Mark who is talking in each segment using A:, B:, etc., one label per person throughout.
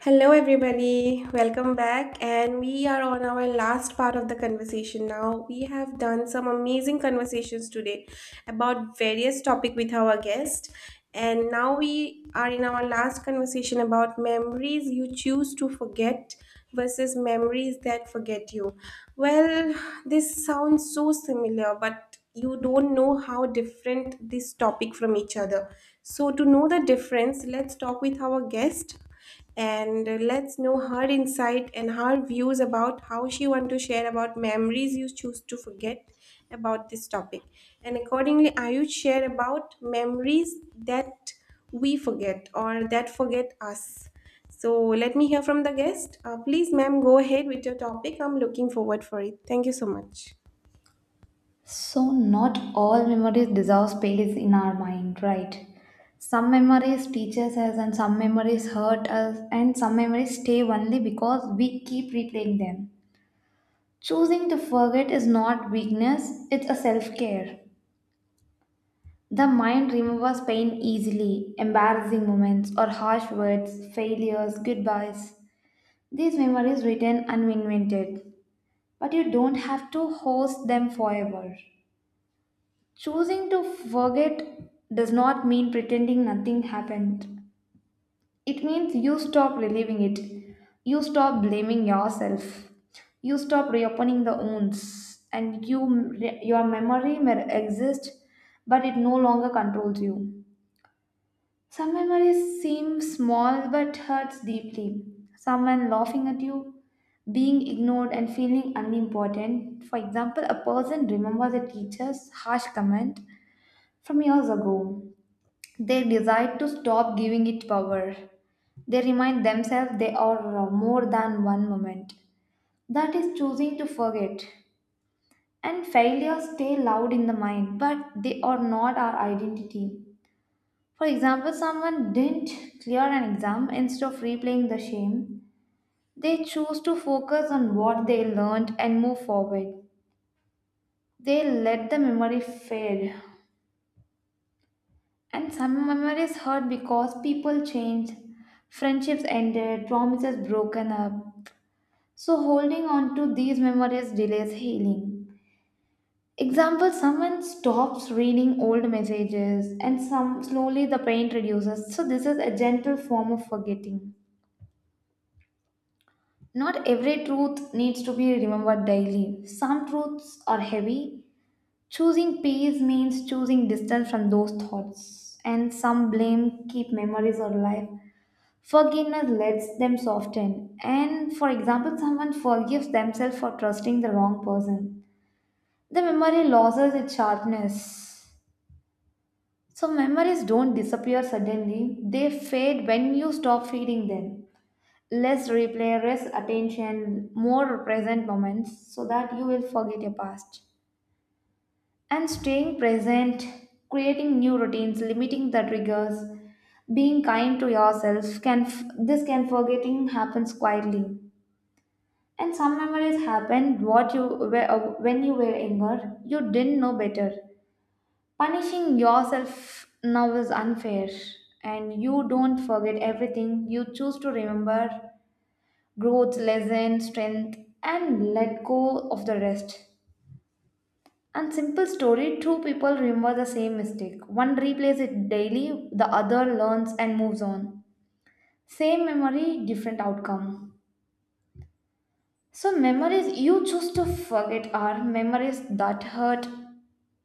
A: Hello, everybody. Welcome back. And we are on our last part of the conversation now. We have done some amazing conversations today about various topic with our guest. And now we are in our last conversation about memories you choose to forget versus memories that forget you. Well, this sounds so similar, but you don't know how different this topic from each other. So to know the difference, let's talk with our guest and let's know her insight and her views about how she want to share about memories you choose to forget about this topic and accordingly ayush share about memories that we forget or that forget us so let me hear from the guest, please ma'am, go ahead with your topic. I'm looking forward for it. Thank you so much.
B: So, not all memories deserve space in our mind, right? Some memories teaches us, and some memories hurt us, and some memories stay only because we keep replaying them. Choosing to forget is not weakness, it's a self care. The mind remembers pain easily, embarrassing moments or harsh words, failures, goodbyes. These memories return uninvented, but you don't have to host them forever. Choosing to forget does not mean pretending nothing happened. It means you stop reliving it. You stop blaming yourself. You stop reopening the wounds, and your memory may exist, but it no longer controls you. Some memories seem small but hurts deeply. Someone laughing at you, being ignored and feeling unimportant. For example, a person remembers a teacher's harsh comment from years ago, they decide to stop giving it power. They remind themselves they are more than one moment. That is choosing to forget. And failures stay loud in the mind, but they are not our identity. For example, someone didn't clear an exam instead of replaying the shame. They choose to focus on what they learned and move forward. They let the memory fade. And some memories hurt because people change, friendships ended, promises broken up. So holding on to these memories delays healing. Example, someone stops reading old messages and some slowly the pain reduces. So this is a gentle form of forgetting. Not every truth needs to be remembered daily. Some truths are heavy. Choosing peace means choosing distance from those thoughts. And some blame keep memories alive. Forgiveness lets them soften, and for example, someone forgives themselves for trusting the wrong person. The memory loses its sharpness. So, memories don't disappear suddenly, they fade when you stop feeding them. Less replay, less attention, more present moments so that you will forget your past. And staying present, creating new routines, limiting the triggers, being kind to yourself can f- this can forgetting happens quietly. And some memories happen. What you were when you were younger, you didn't know better. Punishing yourself now is unfair, and you don't forget everything. You choose to remember growth, lesson, strength, and let go of the rest. And simple story: two people remember the same mistake. One replays it daily, the other learns and moves on. Same memory, different outcome. So memories you choose to forget are memories that hurt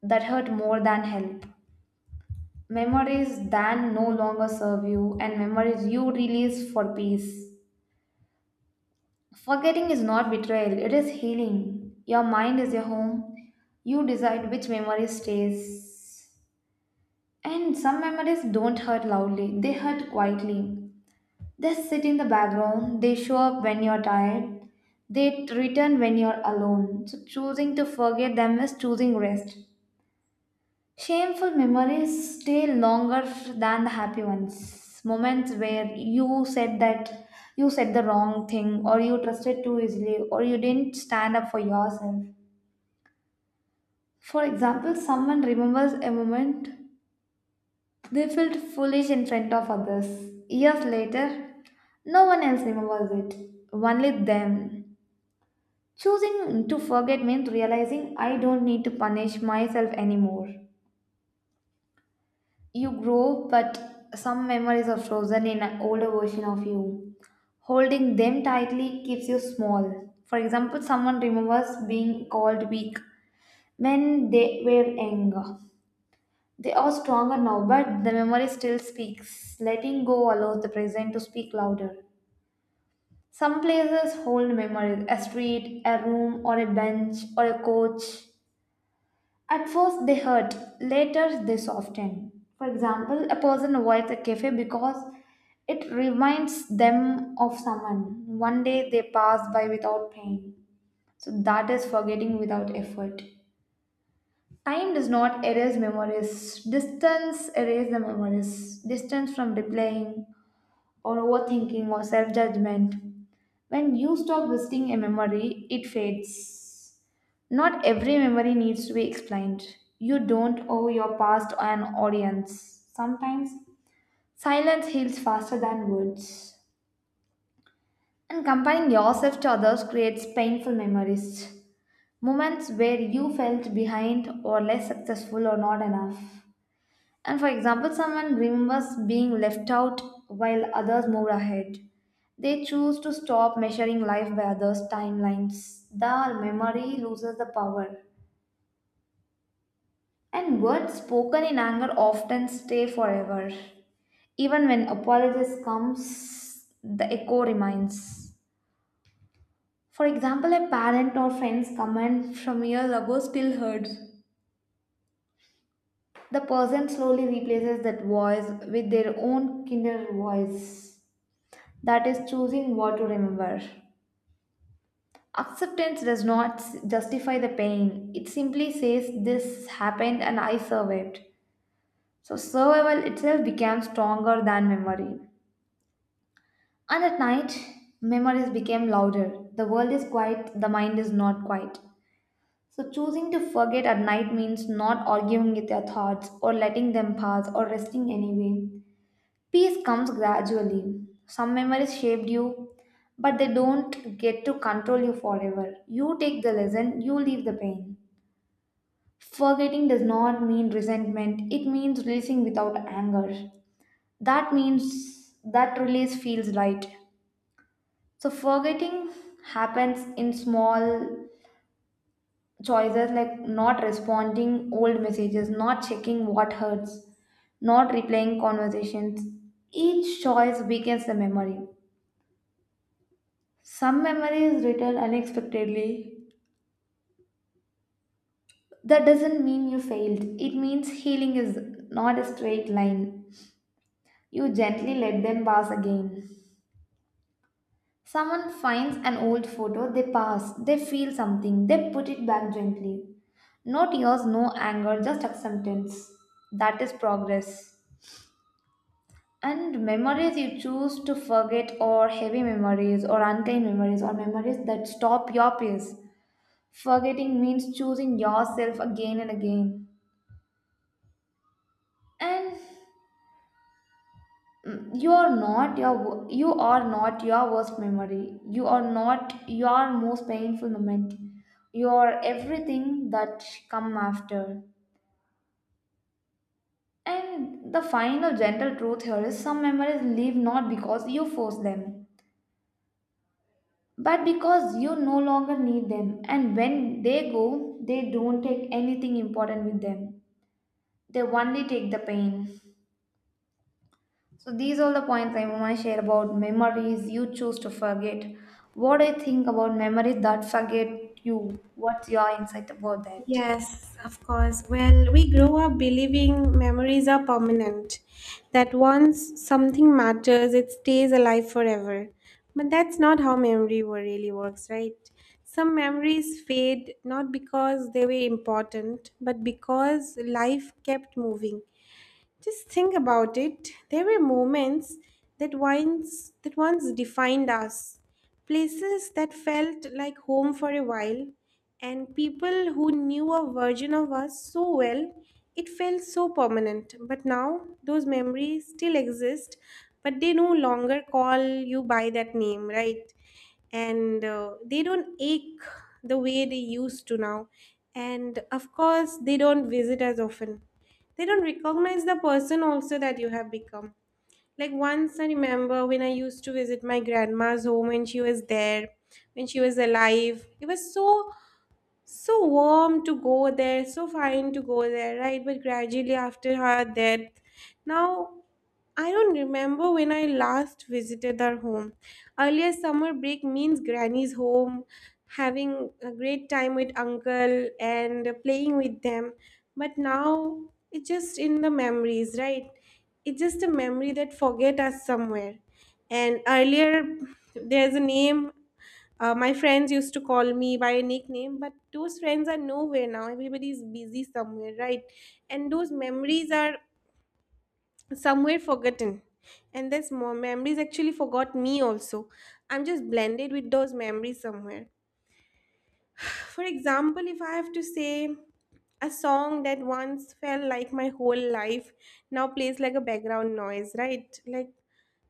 B: that hurt more than help. Memories that no longer serve you and memories you release for peace. Forgetting is not betrayal, it is healing. Your mind is your home. You decide which memory stays. And some memories don't hurt loudly, they hurt quietly. They sit in the background, they show up when you're tired, they return when you're alone. So choosing to forget them is choosing rest. Shameful memories stay longer than the happy ones. Moments where you said the wrong thing, or you trusted too easily, or you didn't stand up for yourself. For example, someone remembers a moment they felt foolish in front of others. Years later, no one else remembers it, only them. Choosing to forget means realizing I don't need to punish myself anymore. You grow, but some memories are frozen in an older version of you. Holding them tightly keeps you small. For example, someone remembers being called weak when they were younger. They are stronger now, but the memory still speaks. Letting go allows the present to speak louder. Some places hold memories, a street, a room, or a bench, or a coach. At first they hurt, later they soften. For example, a person avoids a cafe because it reminds them of someone. One day they pass by without pain. So that is forgetting without effort. Time does not erase memories. Distance erases the memories. Distance from replaying or overthinking or self judgment. When you stop visiting a memory, it fades. Not every memory needs to be explained. You don't owe your past an audience. Sometimes silence heals faster than words. And comparing yourself to others creates painful memories. Moments where you felt behind or less successful or not enough. And for example, someone remembers being left out while others move ahead. They choose to stop measuring life by others' timelines. The memory loses the power. And words spoken in anger often stay forever. Even when apologies comes, the echo remains. For example, a parent or friend's comment from years ago still heard. The person slowly replaces that voice with their own kinder voice. That is choosing what to remember. Acceptance does not justify the pain. It simply says this happened and I survived. So survival itself became stronger than memory. And at night, memories became louder. The world is quiet, the mind is not quiet. So choosing to forget at night means not arguing with your thoughts or letting them pass or resting anyway. Peace comes gradually. Some memories shaped you, but they don't get to control you forever. You take the lesson, you leave the pain. Forgetting does not mean resentment, it means releasing without anger. That means that release feels right. So, forgetting happens in small choices like not responding old messages, not checking what hurts, not replaying conversations. Each choice weakens the memory. Some memories return unexpectedly. That doesn't mean you failed. It means healing is not a straight line. You gently let them pass again. Someone finds an old photo, they pass, they feel something, they put it back gently. No tears, no anger, just acceptance. That is progress. And memories you choose to forget, or heavy memories, or unkind memories, or memories that stop your peace. Forgetting means choosing yourself again and again. And you are not your you are not your worst memory, you are not your most painful moment, you are everything that come after. And the final gentle truth here is, some memories leave not because you force them, but because you no longer need them, and when they go they don't take anything important with them, they only take the pain. So these are the points I want to share about memories you choose to forget. What do you think about memories that forget you? What's your insight about that?
A: Yes, of course. Well, we grow up believing memories are permanent, that once something matters, it stays alive forever. But that's not how memory really works, right? Some memories fade not because they were important, but because life kept moving. Just think about it. There were moments that once defined us. Places that felt like home for a while, and people who knew a version of us so well, it felt so permanent. But now those memories still exist, but they no longer call you by that name, right? And they don't ache the way they used to now, and of course they don't visit as often. They don't recognize the person also that you have become. Like once I remember when I used to visit my grandma's home when she was there, when she was alive, it was so so warm to go there, so fine to go there, right? But gradually after her death, now I don't remember when I last visited their home. Earlier summer break means granny's home, having a great time with uncle and playing with them. But now it's just in the memories, right? It's just a memory that forget us somewhere. And earlier there's a name, my friends used to call me by a nickname, but those friends are nowhere now. Everybody's busy somewhere, right? And those memories are somewhere forgotten, and there's more memories actually forgot me also. I'm just blended with those memories somewhere. For example, if I have to say a song that once felt like my whole life now plays like a background noise, right? Like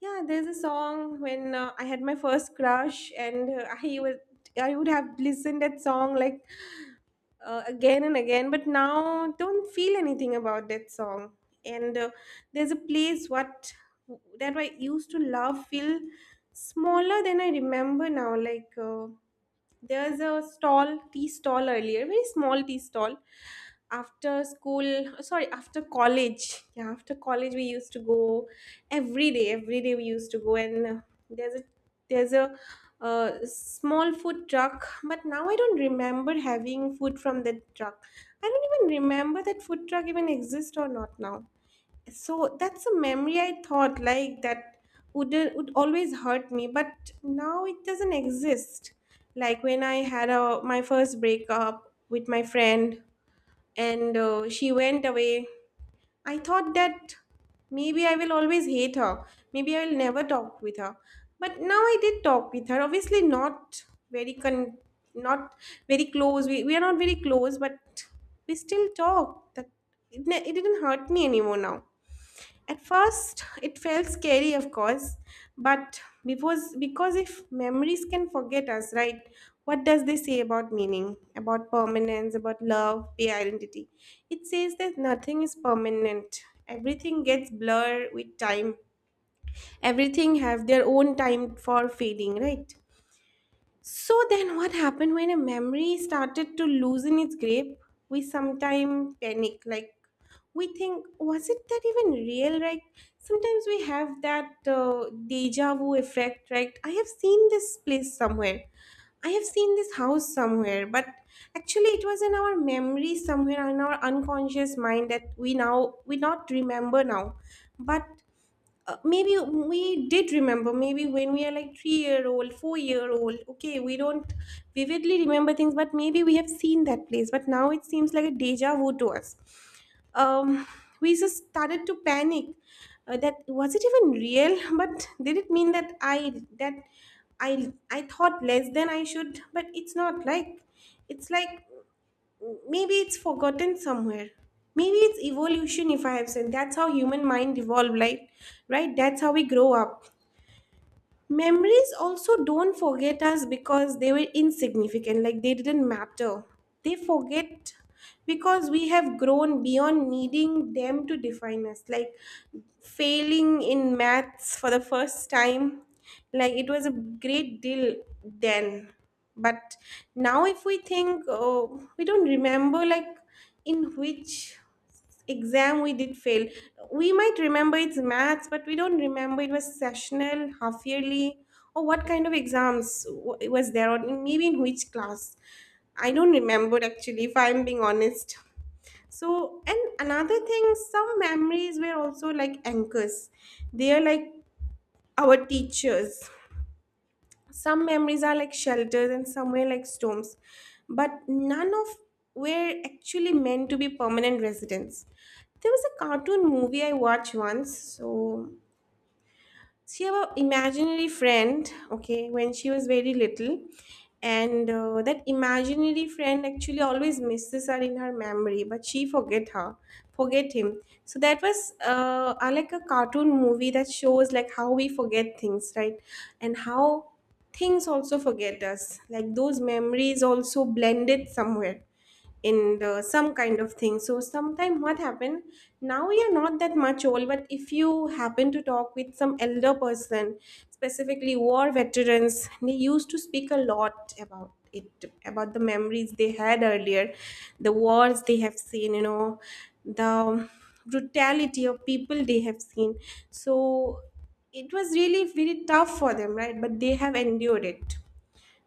A: yeah, there's a song when I had my first crush, and I would have listened that song like again and again, but now don't feel anything about that song. And there's a place what that I used to love feel smaller than I remember now. Like there's a stall, tea stall, earlier very small tea stall, after school, sorry, after college, yeah after college we used to go every day, every day we used to go, and there's a there's a small food truck, but now I don't remember having food from that truck. I don't even remember that food truck even exists or not now. So that's a memory I thought like that would always hurt me, but now it doesn't exist. Like when I had my first breakup with my friend, and she went away, I thought that maybe I will always hate her, maybe I will never talk with her, but now I did talk with her. Obviously not very con- not very close, we are not very close, but we still talk. That it didn't hurt me anymore now. At first, it felt scary, of course, but because if memories can forget us, right? What does they say about meaning, about permanence, about love, the identity? It says that nothing is permanent. Everything gets blurred with time. Everything have their own time for fading, right? So then, what happened when a memory started to loosen its grip? We sometimes panic, like we think, was it that even real, right? Sometimes we have that deja vu effect, right? I have seen this place somewhere. I have seen this house somewhere, but actually it was in our memory somewhere in our unconscious mind, that we now we not remember now. But maybe we did remember, maybe when we are like 3-year-old old, 4-year-old old, okay we don't vividly remember things, but maybe we have seen that place, but now it seems like a deja vu to us. um, we just started to panic, that was it even real? But did it mean that that I thought less than I should? But it's not like, it's like maybe it's forgotten somewhere, maybe it's evolution, if I have said. That's how human mind evolved, like right, that's how we grow up. Memories also don't forget us because they were insignificant, like they didn't matter. They forget because we have grown beyond needing them to define us, like failing in maths for the first time. Like it was a great deal then. But now, if we think, oh, we don't remember, like, in which exam we did fail. We might remember it's maths, but we don't remember it was sessional, half yearly, or what kind of exams it was there, or maybe in which class. I don't remember actually, if I'm being honest. So, and another thing, some memories were also like anchors, they are like our teachers. Some memories are like shelters, and some somewhere like storms, but none of were actually meant to be permanent residents. There was a cartoon movie I watched once. So she have a imaginary friend, okay, when she was very little, and that imaginary friend actually always misses her in her memory, but she forget her, forget him. So that was like a cartoon movie that shows like how we forget things, right, and how things also forget us. Like those memories also blended somewhere in the some kind of thing. So sometime what happened, now you're not that much old, but if you happen to talk with some elder person, specifically war veterans, they used to speak a lot about it, about the memories they had earlier, the wars they have seen, you know, the brutality of people they have seen. So it was really very tough for them, right, but they have endured it.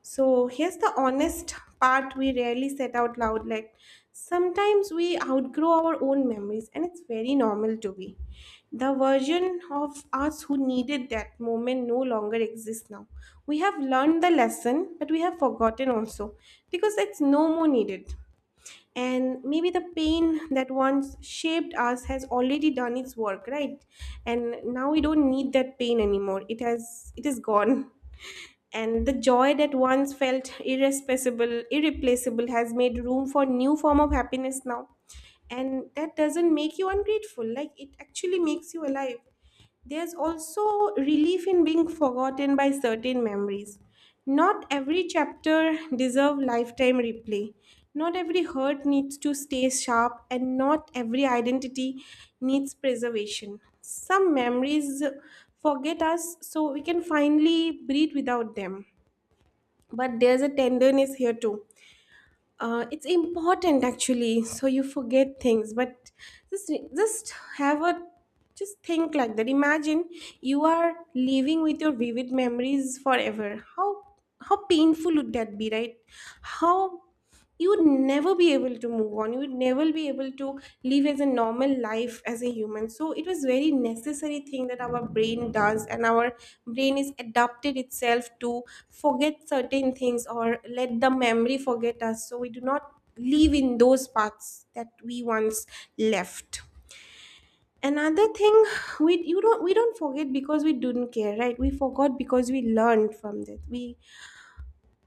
A: So here's the honest part we rarely set out loud. Like sometimes we outgrow our own memories, and it's very normal to be. The version of us who needed that moment no longer exists now. We have learned the lesson, but we have forgotten also because it's no more needed. And maybe the pain that once shaped us has already done its work, right? And now we don't need that pain anymore. It is gone, and the joy that once felt irreplaceable has made room for new form of happiness now. And that doesn't make you ungrateful, like it actually makes you alive. There's also relief in being forgotten by certain memories. Not every chapter deserves lifetime replay. Not every hurt needs to stay sharp, and not every identity needs preservation. Some memories forget us, so we can finally breathe without them. But there's a tenderness here too. It's important actually. So you forget things, but just just have a just think like that. Imagine you are living with your vivid memories forever. How painful would that be, right? How you would never be able to move on, you would never be able to live as a normal life as a human. So it was very necessary thing that our brain does, and our brain is adapted itself to forget certain things, or let the memory forget us, so we do not live in those paths that we once left. Another thing, we don't forget because we didn't care, right? We forgot because we learned from that. we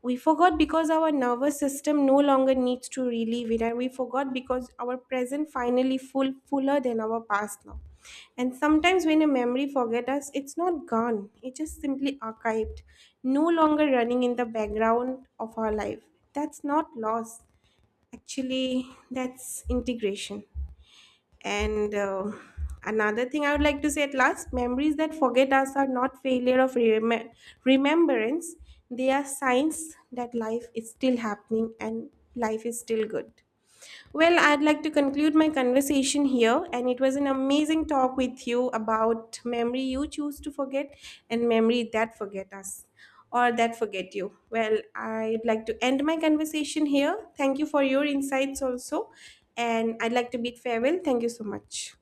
A: we forgot because our nervous system no longer needs to relive it, and we forgot because our present finally fuller than our past now. And sometimes when a memory forget us, it's not gone, it's just simply archived, no longer running in the background of our life. That's not loss, actually that's integration. And another thing I would like to say at last, memories that forget us are not failure of remembrance, they are signs that life is still happening, and life is still good. Well, I'd like to conclude my conversation here, and it was an amazing talk with you about memory you choose to forget and memory that forget us or that forget you. Well, I'd like to end my conversation here. Thank you for your insights also, and I'd like to bid farewell. Thank you so much.